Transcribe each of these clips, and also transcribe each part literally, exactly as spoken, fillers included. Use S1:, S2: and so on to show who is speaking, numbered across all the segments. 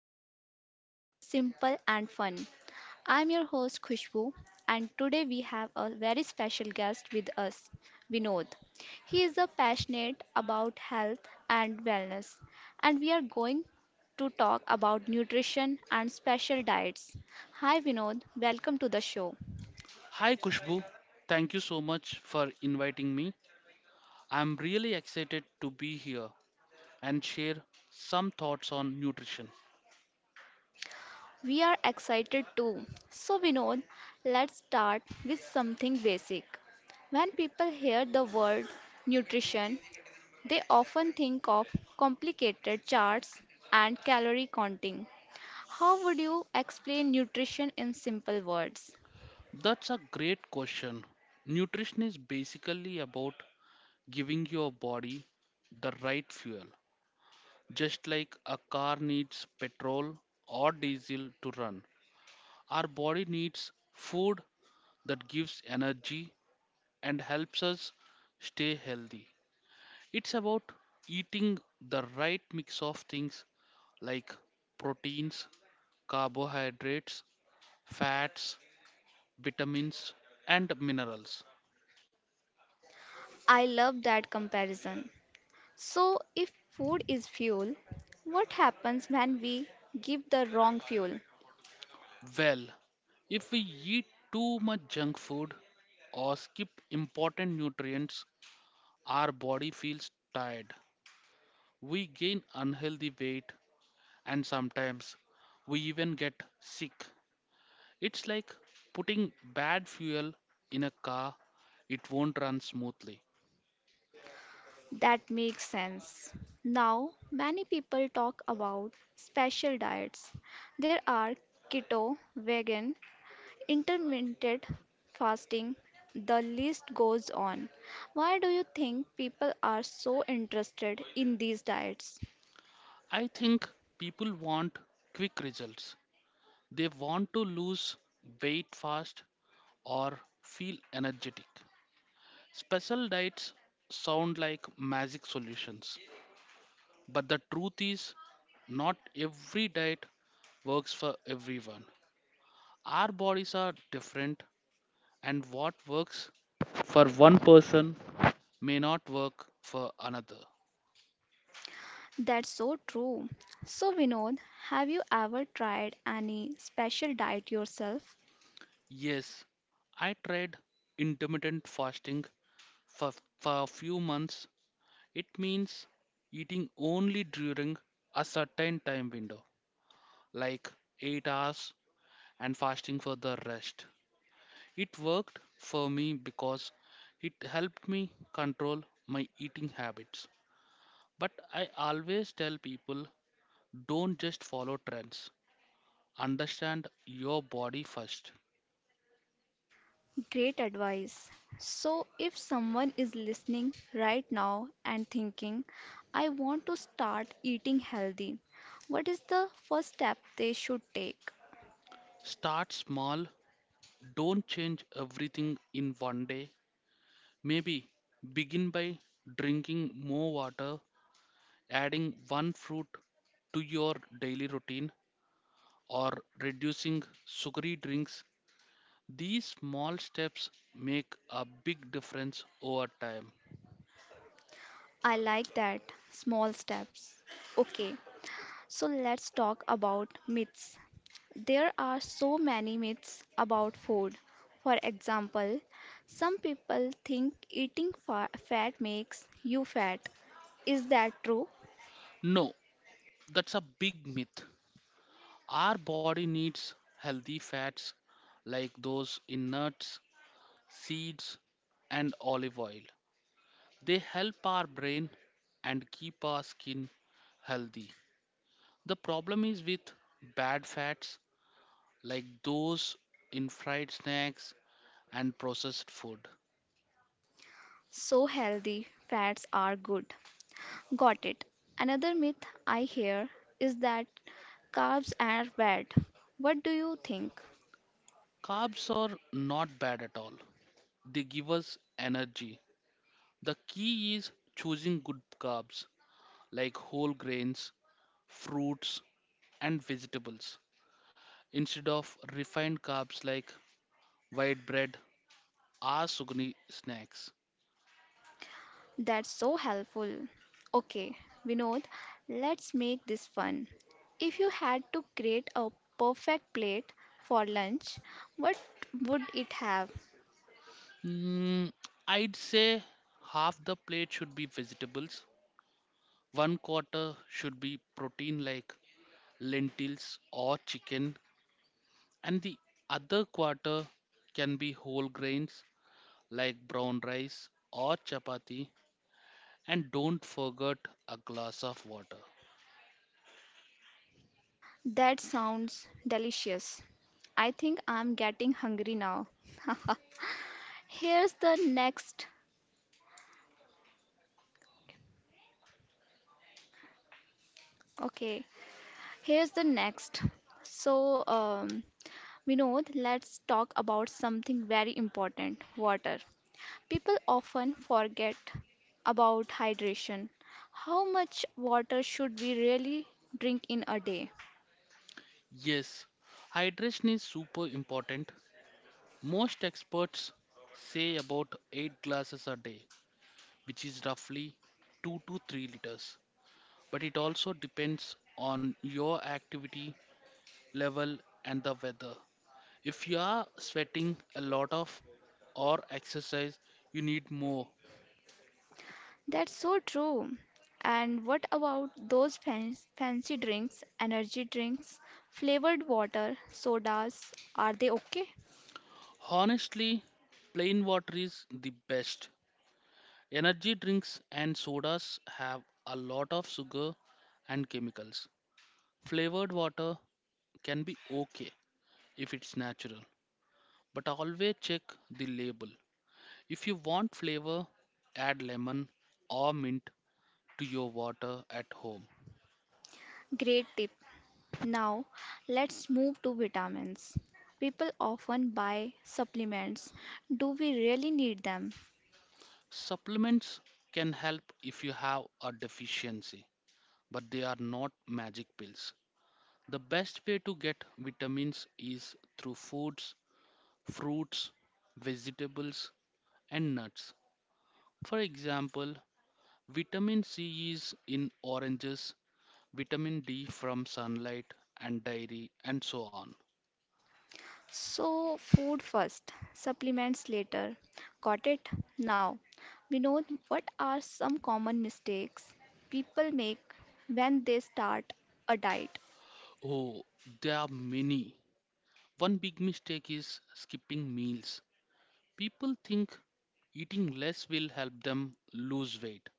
S1: we make nutrition simple and fun. I'm your host, Khushbu, and today we have a very special guest with us, Vinod. He is a passionate about health and wellness, and we are going to talk about nutrition and special diets. Hi, Vinod. Welcome to the show.
S2: Hi Kushbu, thank you so much for inviting me. I'm really excited to be here and share some thoughts on nutrition.
S1: We are excited too. So, Vinod, let's start with something basic. When people hear the word nutrition, they often think of complicated charts and calorie counting. How would you explain nutrition in simple words?
S2: That's a great question. Nutrition is basically about giving your body the right fuel. Just like a car needs petrol or diesel to run, our body needs food that gives energy and helps us stay healthy. It's about eating the right mix of things like proteins, carbohydrates, fats, vitamins, and minerals.
S1: I love that comparison. So, if food is fuel, what happens when we give the wrong fuel?
S2: Well, if we eat too much junk food or skip important nutrients, our body feels tired. We gain unhealthy weight and sometimes we even get sick. It's like putting bad fuel in a car, it won't run smoothly.
S1: That makes sense. Now, many people talk about special diets. There are keto, vegan, intermittent fasting. The list goes on. Why do you think people are so interested in these diets?
S2: I think people want quick results. They want to lose weight fast or feel energetic. Special diets sound like magic solutions, but the truth is, not every diet works for everyone. Our bodies are different, and what works for one person may not work for another.
S1: That's so true. So, Vinod, have you ever tried any special diet yourself?
S2: Yes, I tried intermittent fasting for, for a few months. It means eating only during a certain time window, like eight hours, and fasting for the rest. It worked for me because it helped me control my eating habits. But I always tell people, don't just follow trends, understand your body first.
S1: Great advice. So, if someone is listening right now and thinking, I want to start eating healthy, what is the first step they should take?
S2: Start small, don't change everything in one day. Maybe begin by drinking more water, adding one fruit to your daily routine, or reducing sugary drinks. These small steps make a big difference over time.
S1: I like that. Small steps. Okay, so let's talk about myths. There are so many myths about food. For example, some people think eating fa- fat makes you fat. Is that true?
S2: No, that's a big myth. Our body needs healthy fats like those in nuts, seeds, and olive oil. They help our brain and keep our skin healthy. The problem is with bad fats like those in fried snacks and processed food.
S1: So healthy fats are good. Got it. Another myth I hear is that carbs are bad. What do you think?
S2: Carbs are not bad at all, they give us energy. The key is choosing good carbs like whole grains, fruits, and vegetables instead of refined carbs like white bread or sugary snacks.
S1: That's so helpful. Okay, Vinod, let's make this fun. If you had to create a perfect plate for lunch, what would it have?
S2: Mm, I'd say half the plate should be vegetables, one quarter should be protein like lentils or chicken, and the other quarter can be whole grains like brown rice or chapati. And don't forget a glass of water.
S1: That sounds delicious. I think I'm getting hungry now. Here's the next. Okay, here's the next. So, um, Vinod, let's talk about something very important water. People often forget about hydration. How much water should we really drink in a day?
S2: Yes, hydration is super important. Most experts say about eight glasses a day, which is roughly two to three liters, but it also depends on your activity level and the weather. If you are sweating a lot of or exercise, you need more.
S1: That's so true. And what about those fan- fancy drinks, energy drinks, flavored water, sodas? Are they okay?
S2: Honestly, plain water is the best. Energy drinks and sodas have a lot of sugar and chemicals. Flavored water can be okay if it's natural, but always check the label. If you want flavor, add lemon or mint to your water at home.
S1: Great tip. Now, let's move to vitamins. People often buy supplements. Do we really need them?
S2: Supplements can help if you have a deficiency, but they are not magic pills. The best way to get vitamins is through foods, fruits, vegetables, and nuts. For example, vitamin C is in oranges, vitamin D from sunlight and dairy, and so on.
S1: So, food first, supplements later. Got it? Now, we know what are some common mistakes people make when they start a diet.
S2: Oh, there are many. One big mistake is skipping meals. People think eating less will help them lose weight,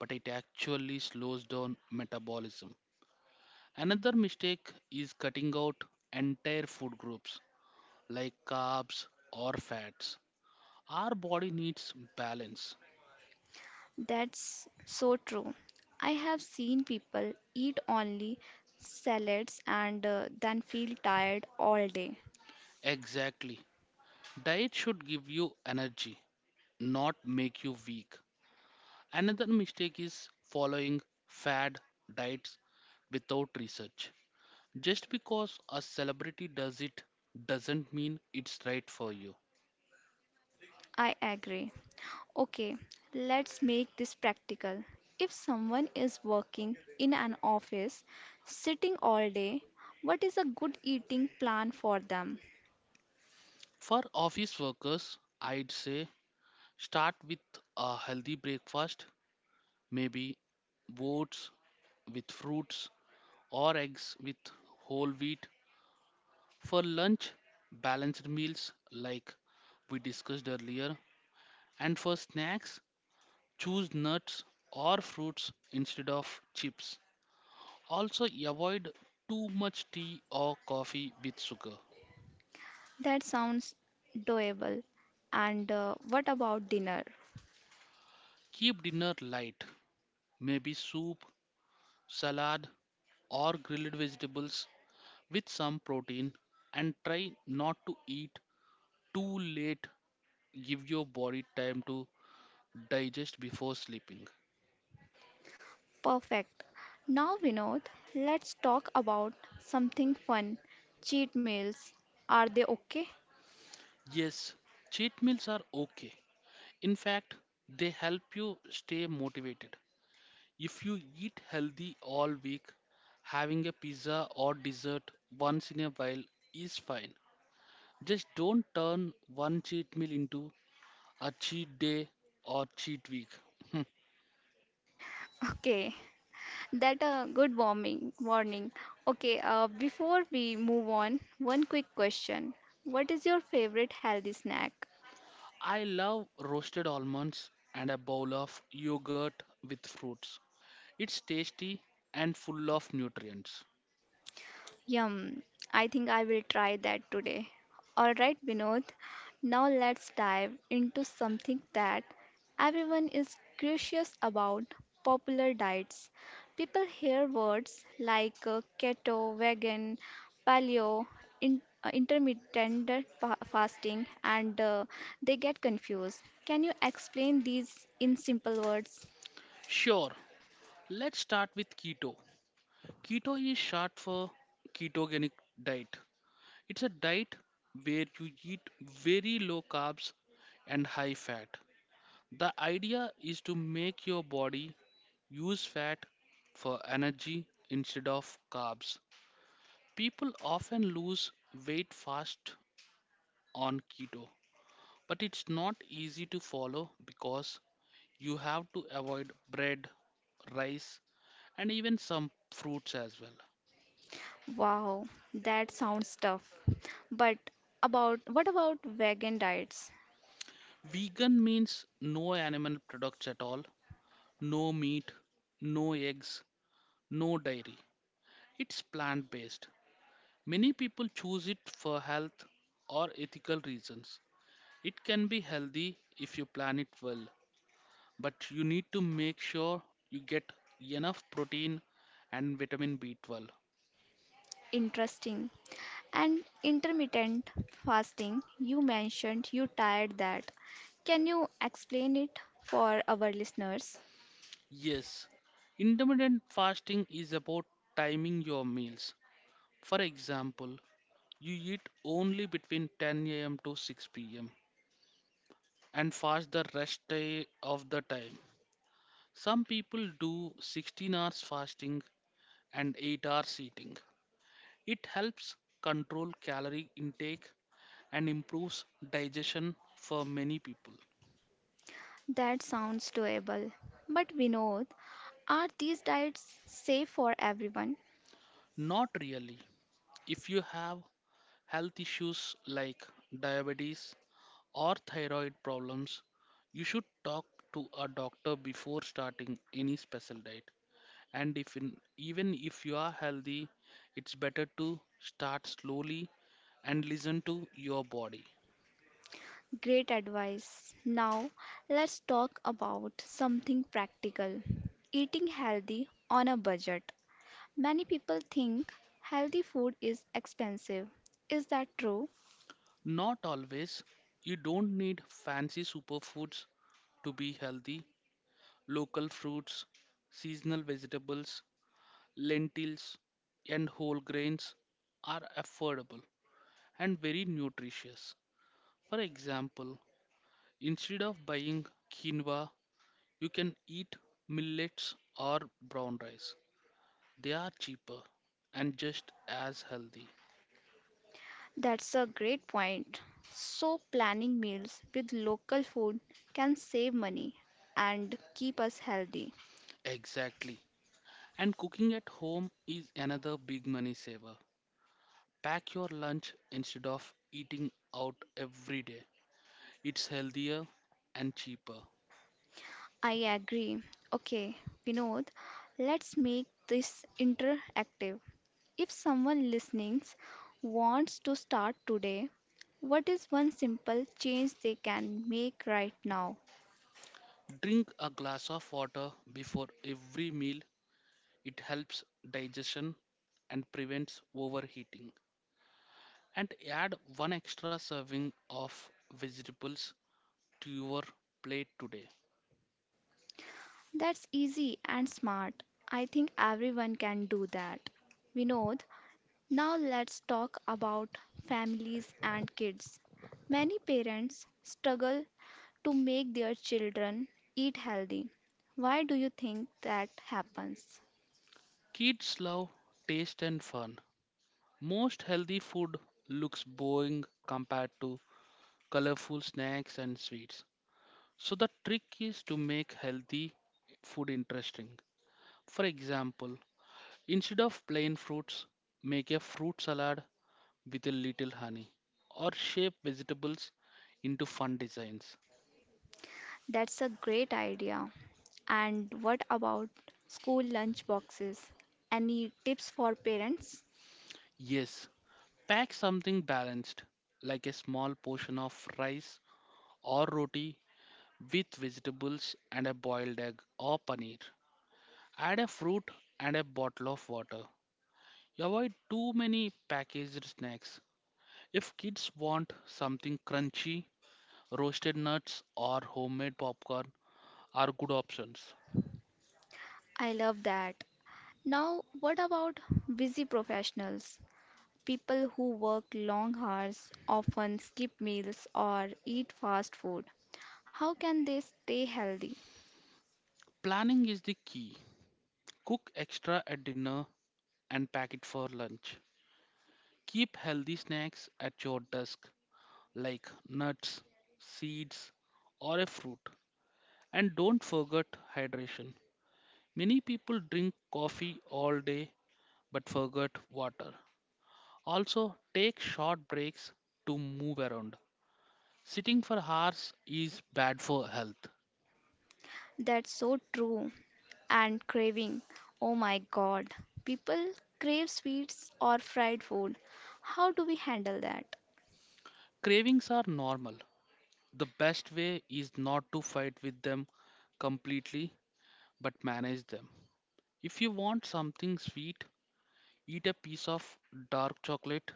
S2: but it actually slows down metabolism. Another mistake is cutting out entire food groups like carbs or fats. Our body needs balance.
S1: That's so true. I have seen people eat only salads and uh, then feel tired all day.
S2: Exactly. Diet should give you energy, not make you weak. Another mistake is following fad diets without research. Just because a celebrity does it doesn't mean it's right for you.
S1: I agree. Okay, let's make this practical. If someone is working in an office, sitting all day, what is a good eating plan for them?
S2: For office workers, I'd say start with a healthy breakfast, maybe oats with fruits or eggs with whole wheat. For lunch, balanced meals like we discussed earlier. And for snacks, choose nuts or fruits instead of chips. Also, avoid too much tea or coffee with sugar.
S1: That sounds doable. And uh, what about dinner?
S2: Keep dinner light, maybe soup, salad, or grilled vegetables with some protein, and try not to eat too late. Give your body time to digest before sleeping.
S1: Perfect. Now, Vinod, let's talk about something fun. Cheat meals. Are they okay?
S2: Yes, cheat meals are okay. In fact, they help you stay motivated. If you eat healthy all week, having a pizza or dessert once in a while is fine. Just don't turn one cheat meal into a cheat day or cheat week.
S1: Okay, that a good warming warning. Okay, uh, before we move on, one quick question. What is your favorite healthy snack?
S2: I love roasted almonds and a bowl of yogurt with fruits. It's tasty and full of nutrients.
S1: Yum, I think I will try that today. Alright, Vinod, now let's dive into something that everyone is curious about popular diets. People hear words like uh, keto, vegan, paleo, in, uh, intermittent fa- fasting, and uh, they get confused. Can you explain these in simple words?
S2: Sure, let's start with keto. Keto is short for ketogenic diet. It's a diet where you eat very low carbs and high fat. The idea is to make your body use fat for energy instead of carbs. People often lose weight fast on keto. But it's not easy to follow because you have to avoid bread, rice, and even some fruits as well.
S1: Wow, that sounds tough. But about what about vegan diets?
S2: Vegan means no animal products at all, no meat, no eggs, no dairy. It's plant based. Many people choose it for health or ethical reasons. It can be healthy if you plan it well, but you need to make sure you get enough protein and vitamin B twelve.
S1: Interesting. And intermittent fasting, you mentioned you tried that. Can you explain it for our listeners?
S2: Yes, intermittent fasting is about timing your meals. For example, you eat only between ten a m to six p m and fast the rest day of the time. Some people do sixteen hours fasting and eight hours eating. It helps control calorie intake and improves digestion for many people.
S1: That sounds doable. But Vinod, are these diets safe for everyone?
S2: Not really. If you have health issues like diabetes or thyroid problems, you should talk to a doctor before starting any special diet. And if in, even if you are healthy, it's better to start slowly and listen to your body.
S1: Great advice. Now, let's talk about something practical. Eating healthy on a budget. Many people think healthy food is expensive. Is that true?
S2: Not always. You don't need fancy superfoods to be healthy. Local fruits, seasonal vegetables, lentils, and whole grains are affordable and very nutritious. For example, instead of buying quinoa, you can eat millets or brown rice. They are cheaper and just as healthy.
S1: That's a great point. So, planning meals with local food can save money and keep us healthy.
S2: Exactly. And cooking at home is another big money saver. Pack your lunch instead of eating out every day. It's healthier and cheaper.
S1: I agree. Okay, Vinod, let's make this interactive. If someone listening wants to start today, what is one simple change they can make right now?
S2: Drink a glass of water before every meal. It helps digestion and prevents overheating. And add one extra serving of vegetables to your plate today.
S1: That's easy and smart. I think everyone can do that. Vinod, now let's talk about families and kids. Many parents struggle to make their children eat healthy. Why do you think that happens?
S2: Kids love taste and fun. Most healthy food looks boring compared to colorful snacks and sweets. So the trick is to make healthy food interesting. For example, instead of plain fruits, make a fruit salad with a little honey or shape vegetables into fun designs.
S1: That's a great idea. And what about school lunch boxes? Any tips for parents?
S2: Yes, pack something balanced, like a small portion of rice or roti with vegetables and a boiled egg or paneer. Add a fruit and a bottle of water. Avoid too many packaged snacks. If kids want something crunchy, roasted nuts or homemade popcorn are good options.
S1: I love that. Now, what about busy professionals? People who work long hours often skip meals or eat fast food. How can they stay healthy?
S2: Planning is the key. Cook extra at dinner and pack it for lunch. Keep healthy snacks at your desk like nuts, seeds, or a fruit. And don't forget hydration. Many people drink coffee all day but forget water. Also, take short breaks to move around. Sitting for hours is bad for health.
S1: That's so true. And craving. Oh my god. People crave sweets or fried food. How do we handle that?
S2: Cravings are normal. The best way is not to fight with them completely but manage them. If you want something sweet, eat a piece of dark chocolate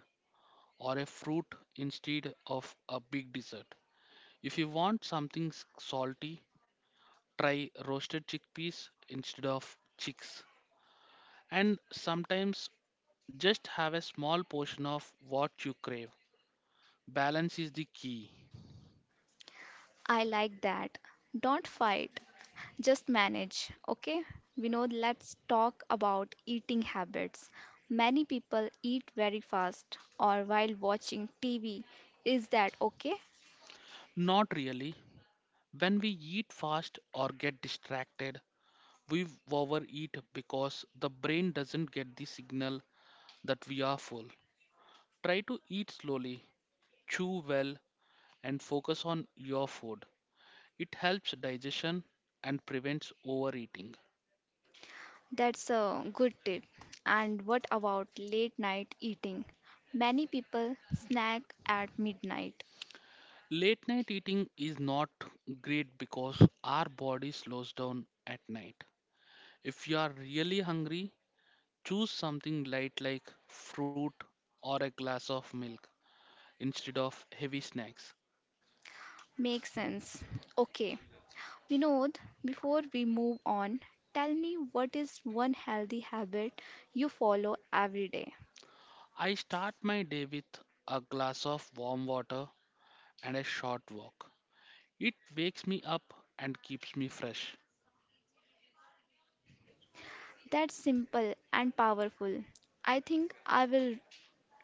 S2: or a fruit instead of a big dessert. If you want something s- salty, try roasted chickpeas instead of chicks. And sometimes just have a small portion of what you crave. Balance is the key.
S1: I like that. Don't fight, just manage, okay? We know, let's talk about eating habits. Many people eat very fast or while watching T V. Is that okay?
S2: Not really. When we eat fast or get distracted, we overeat because the brain doesn't get the signal that we are full. Try to eat slowly, chew well, and focus on your food. It helps digestion and prevents overeating.
S1: That's a good tip. And what about late night eating? Many people snack at midnight.
S2: Late night eating is not great because our body slows down at night. If you are really hungry, choose something light like fruit or a glass of milk instead of heavy snacks.
S1: Makes sense. Okay, Vinod, before we move on, tell me what is one healthy habit you follow every day?
S2: I start my day with a glass of warm water and a short walk. It wakes me up and keeps me fresh.
S1: That's simple and powerful. I think I will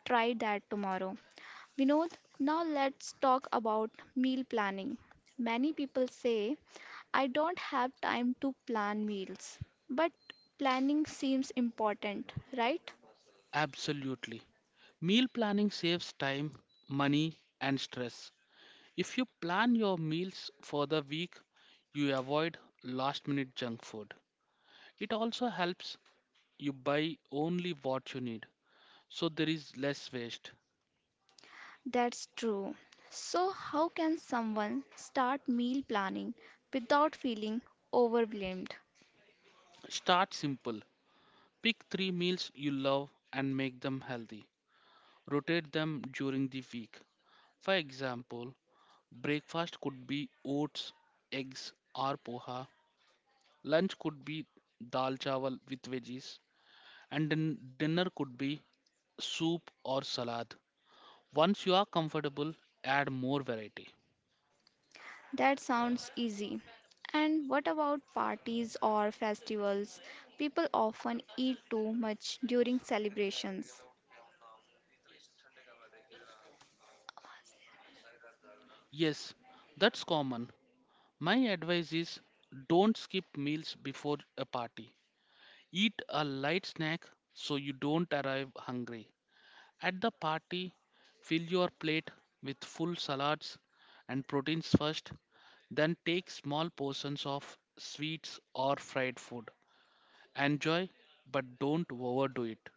S1: try that tomorrow. Vinod, now let's talk about meal planning. Many people say, I don't have time to plan meals. But planning seems important, right?
S2: Absolutely. Meal planning saves time, money, and stress. If you plan your meals for the week, you avoid last minute junk food. It also helps you buy only what you need, so there is less waste.
S1: That's true. So, how can someone start meal planning without feeling overwhelmed?
S2: Start simple. Pick three meals you love and make them healthy. Rotate them during the week. For example, breakfast could be oats, eggs, or poha. Lunch could be dal chawal with veggies, and din- dinner could be soup or salad. Once you are comfortable, add more variety.
S1: That sounds easy. And what about parties or festivals? People often eat too much during celebrations.
S2: Yes, that's common. My advice is, don't skip meals before a party. Eat a light snack so you don't arrive hungry. At the party, fill your plate with full salads and proteins first, then take small portions of sweets or fried food. Enjoy, but don't overdo it.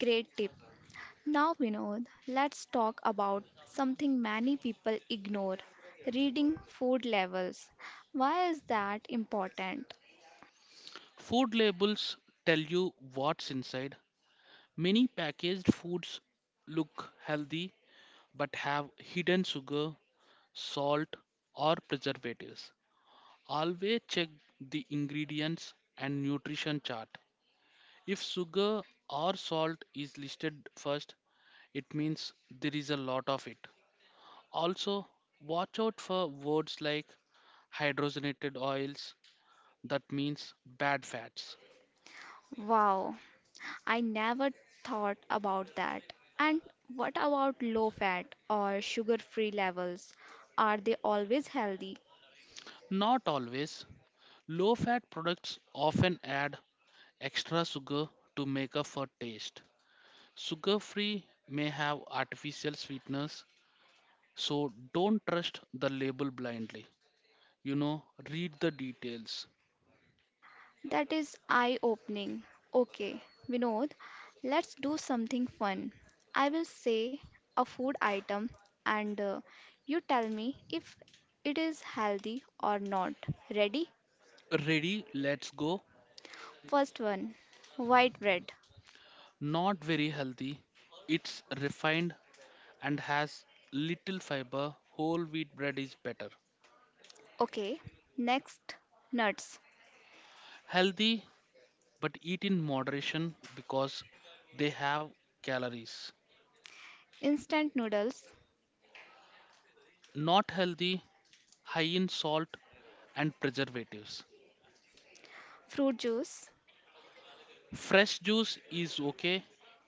S1: Great tip. Now, Vinod, let's talk about something many people ignore reading food labels. Why is that important?
S2: Food labels tell you what's inside. Many packaged foods look healthy but have hidden sugar, salt, or preservatives. Always check the ingredients and nutrition chart. If sugar or salt is listed first, it means there is a lot of it. Also, watch out for words like hydrogenated oils. That means bad fats.
S1: Wow, I never thought about that. And what about low fat or sugar free levels? Are they always healthy?
S2: Not always. Low fat products often add extra sugar to make up for taste. Sugar free may have artificial sweeteners, so don't trust the label blindly. You know, read the details.
S1: That is eye opening. Okay, Vinod, let's do something fun. I will say a food item and uh, you tell me if it is healthy or not. Ready?
S2: Ready, let's go.
S1: First one, white bread.
S2: Not very healthy. It's refined and has little fiber. Whole wheat bread is better.
S1: Okay, next, nuts,
S2: Healthy, but eat in moderation because they have calories.
S1: instant noodles,
S2: Not healthy, high in salt and preservatives.
S1: fruit juice,
S2: Fresh juice is okay,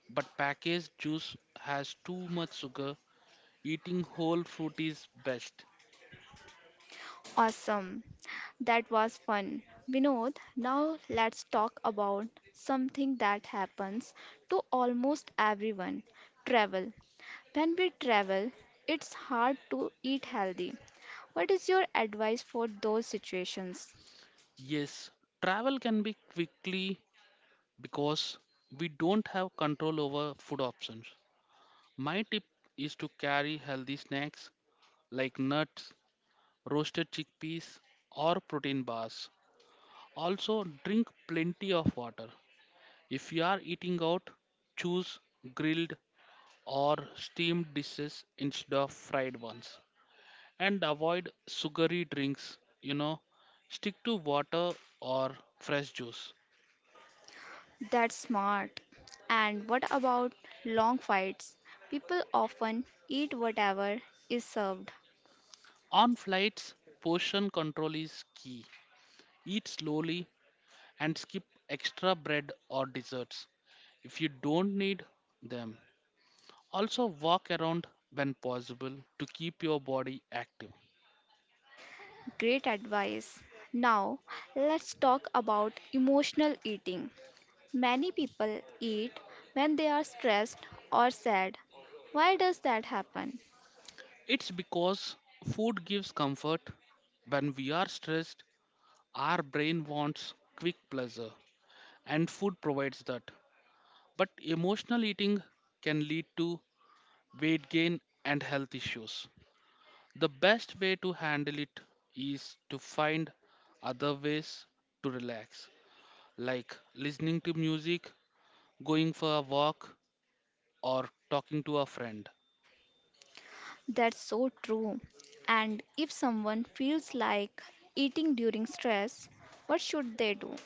S2: but packaged juice has too much sugar. Eating whole fruit is best.
S1: awesome. That was fun. Vinod, now let's talk about something that happens to almost everyone travel. When we travel, it's hard to eat healthy. What is your advice for those situations?
S2: Yes, travel can be quickly because we don't have control over food options. My tip is to carry healthy snacks like nuts, roasted chickpeas, or protein bars. Also, drink plenty of water. If you are eating out, choose grilled or steamed dishes instead of fried ones. And avoid sugary drinks, you know, stick to water or fresh juice.
S1: That's smart. And what about long fights? People often eat whatever is served.
S2: On flights, portion control is key. Eat slowly and skip extra bread or desserts if you don't need them. Also, walk around when possible to keep your body active.
S1: Great advice. Now, let's talk about emotional eating. Many people eat when they are stressed or sad. Why does that happen?
S2: It's because food gives comfort. When we are stressed, our brain wants quick pleasure, and food provides that. But emotional eating can lead to weight gain and health issues. The best way to handle it is to find other ways to relax, like listening to music, going for a walk, or talking to a friend.
S1: That's so true. And if someone feels like eating during stress, what should they do?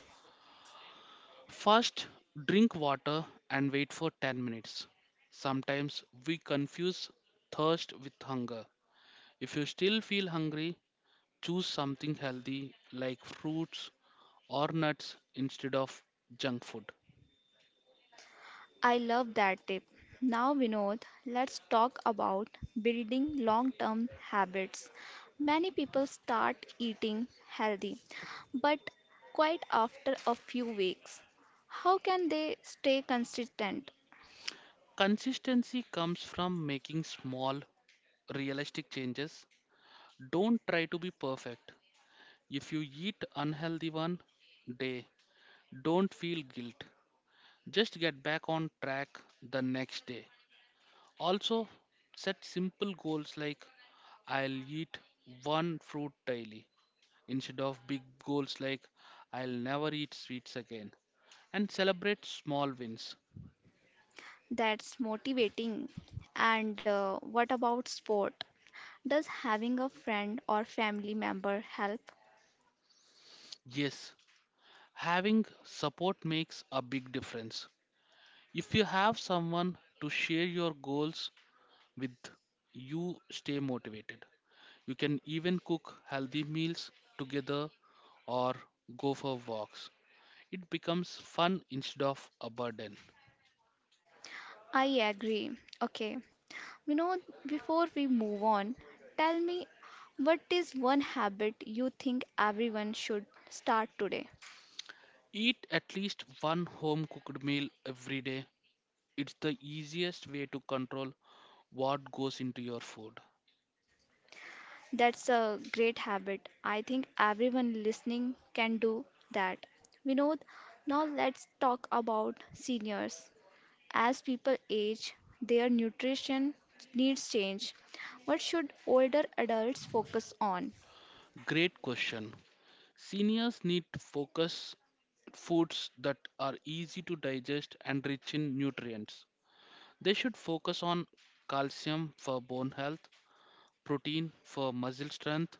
S2: First, drink water and wait for ten minutes. Sometimes we confuse thirst with hunger. If you still feel hungry, choose something healthy like fruits or nuts instead of junk food.
S1: I love that tip. Now, Vinod, let's talk about building long term habits. Many people start eating healthy, but quite after a few weeks. How can they stay consistent?
S2: Consistency comes from making small, realistic changes. Don't try to be perfect. If you eat unhealthy one day, don't feel guilt. Just get back on track the next day. Also, set simple goals like I'll eat one fruit daily instead of big goals like I'll never eat sweets again, and celebrate small wins.
S1: That's motivating. And uh, what about sport? Does having a friend or family member help?
S2: Yes, having support makes a big difference. If you have someone to share your goals with, you stay motivated. You can even cook healthy meals together or go for walks. It becomes fun instead of a burden.
S1: I agree. Okay. You know, before we move on, tell me what is one habit you think everyone should start today?
S2: Eat at least one home cooked meal every day. It's the easiest way to control what goes into your food.
S1: That's a great habit. I think everyone listening can do that. Vinod, now let's talk about seniors. As people age, their nutrition needs change. What should older adults focus on?
S2: Great question. Seniors need to focus foods that are easy to digest and rich in nutrients. They should focus on calcium for bone health, protein for muscle strength,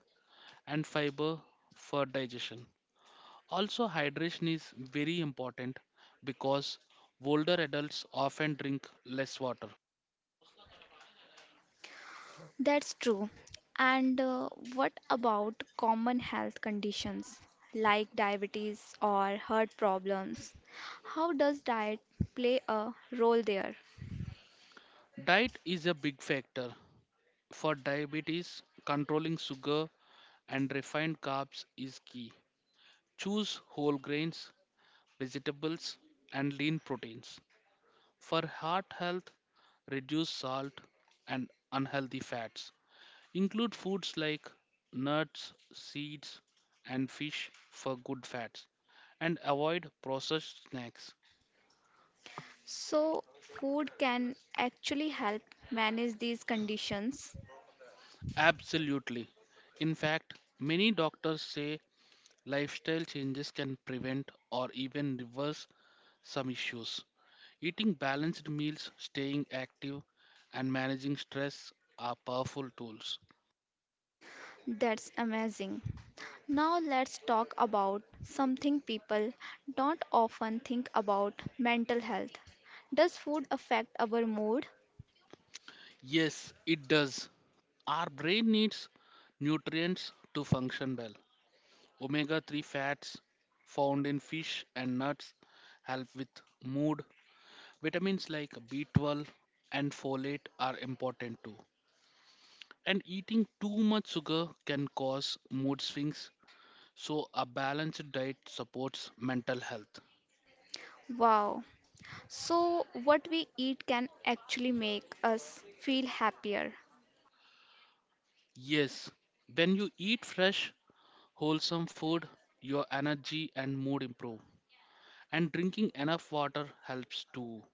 S2: and fiber for digestion. Also, hydration is very important because older adults often drink less water.
S1: That's true. And uh, what about common health conditions like diabetes or heart problems? How does diet play a role there?
S2: Diet is a big factor for diabetes. Controlling sugar and refined carbs is key. Choose whole grains, vegetables, and lean proteins. For heart health, reduce salt and unhealthy fats. Include foods like nuts, seeds, and fish for good fats, and avoid processed snacks.
S1: So, food can actually help manage these conditions.
S2: Absolutely. In fact, many doctors say lifestyle changes can prevent or even reverse some issues. Eating balanced meals, staying active, and managing stress are powerful tools.
S1: That's amazing. Now let's talk about something people don't often think about mental health. Does food affect our mood?
S2: Yes, it does. Our brain needs nutrients to function well. Omega three fats found in fish and nuts help with mood. Vitamins like B twelve and folate are important too. And eating too much sugar can cause mood swings. So, a balanced diet supports mental health.
S1: Wow. So, what we eat can actually make us feel happier.
S2: Yes, when you eat fresh, wholesome food, your energy and mood improve. And drinking enough water helps too.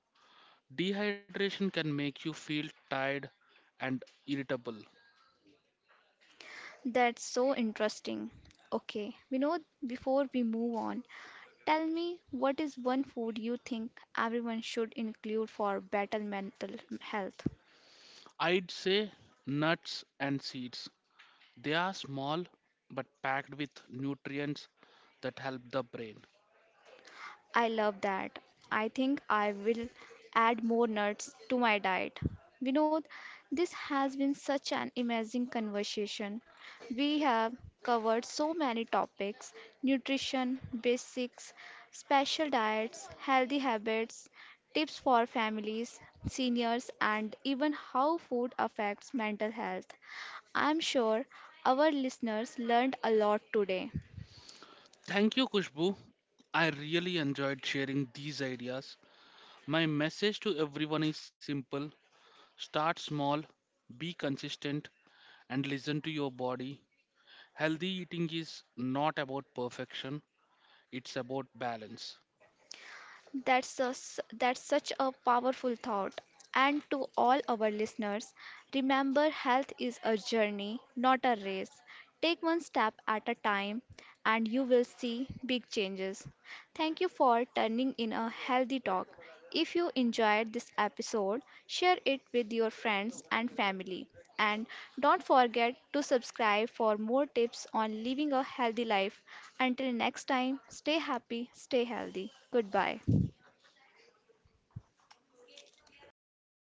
S2: Dehydration can make you feel tired and irritable.
S1: That's so interesting. Okay, we know before we move on, tell me what is one food you think everyone should include for better mental health?
S2: I'd say nuts and seeds. They are small but packed with nutrients that help the brain.
S1: I love that. I think I will add more nuts to my diet. Vinod, this has been such an amazing conversation. We have covered so many topics nutrition, basics, special diets, healthy habits, tips for families, seniors, and even how food affects mental health. I'm sure our listeners learned a lot today.
S2: Thank you, Kushbu. I really enjoyed sharing these ideas. My message to everyone is simple: start small, be consistent, and listen to your body. Healthy eating is not about perfection, it's about balance.
S1: That's a, s- that's such a powerful thought. And to all our listeners, remember health is a journey, not a race. Take one step at a time and you will see big changes. Thank you for turning in a healthy talk. If you enjoyed this episode, share it with your friends and family. And don't forget to subscribe for more tips on living a healthy life. Until next time, stay happy, stay healthy. Goodbye.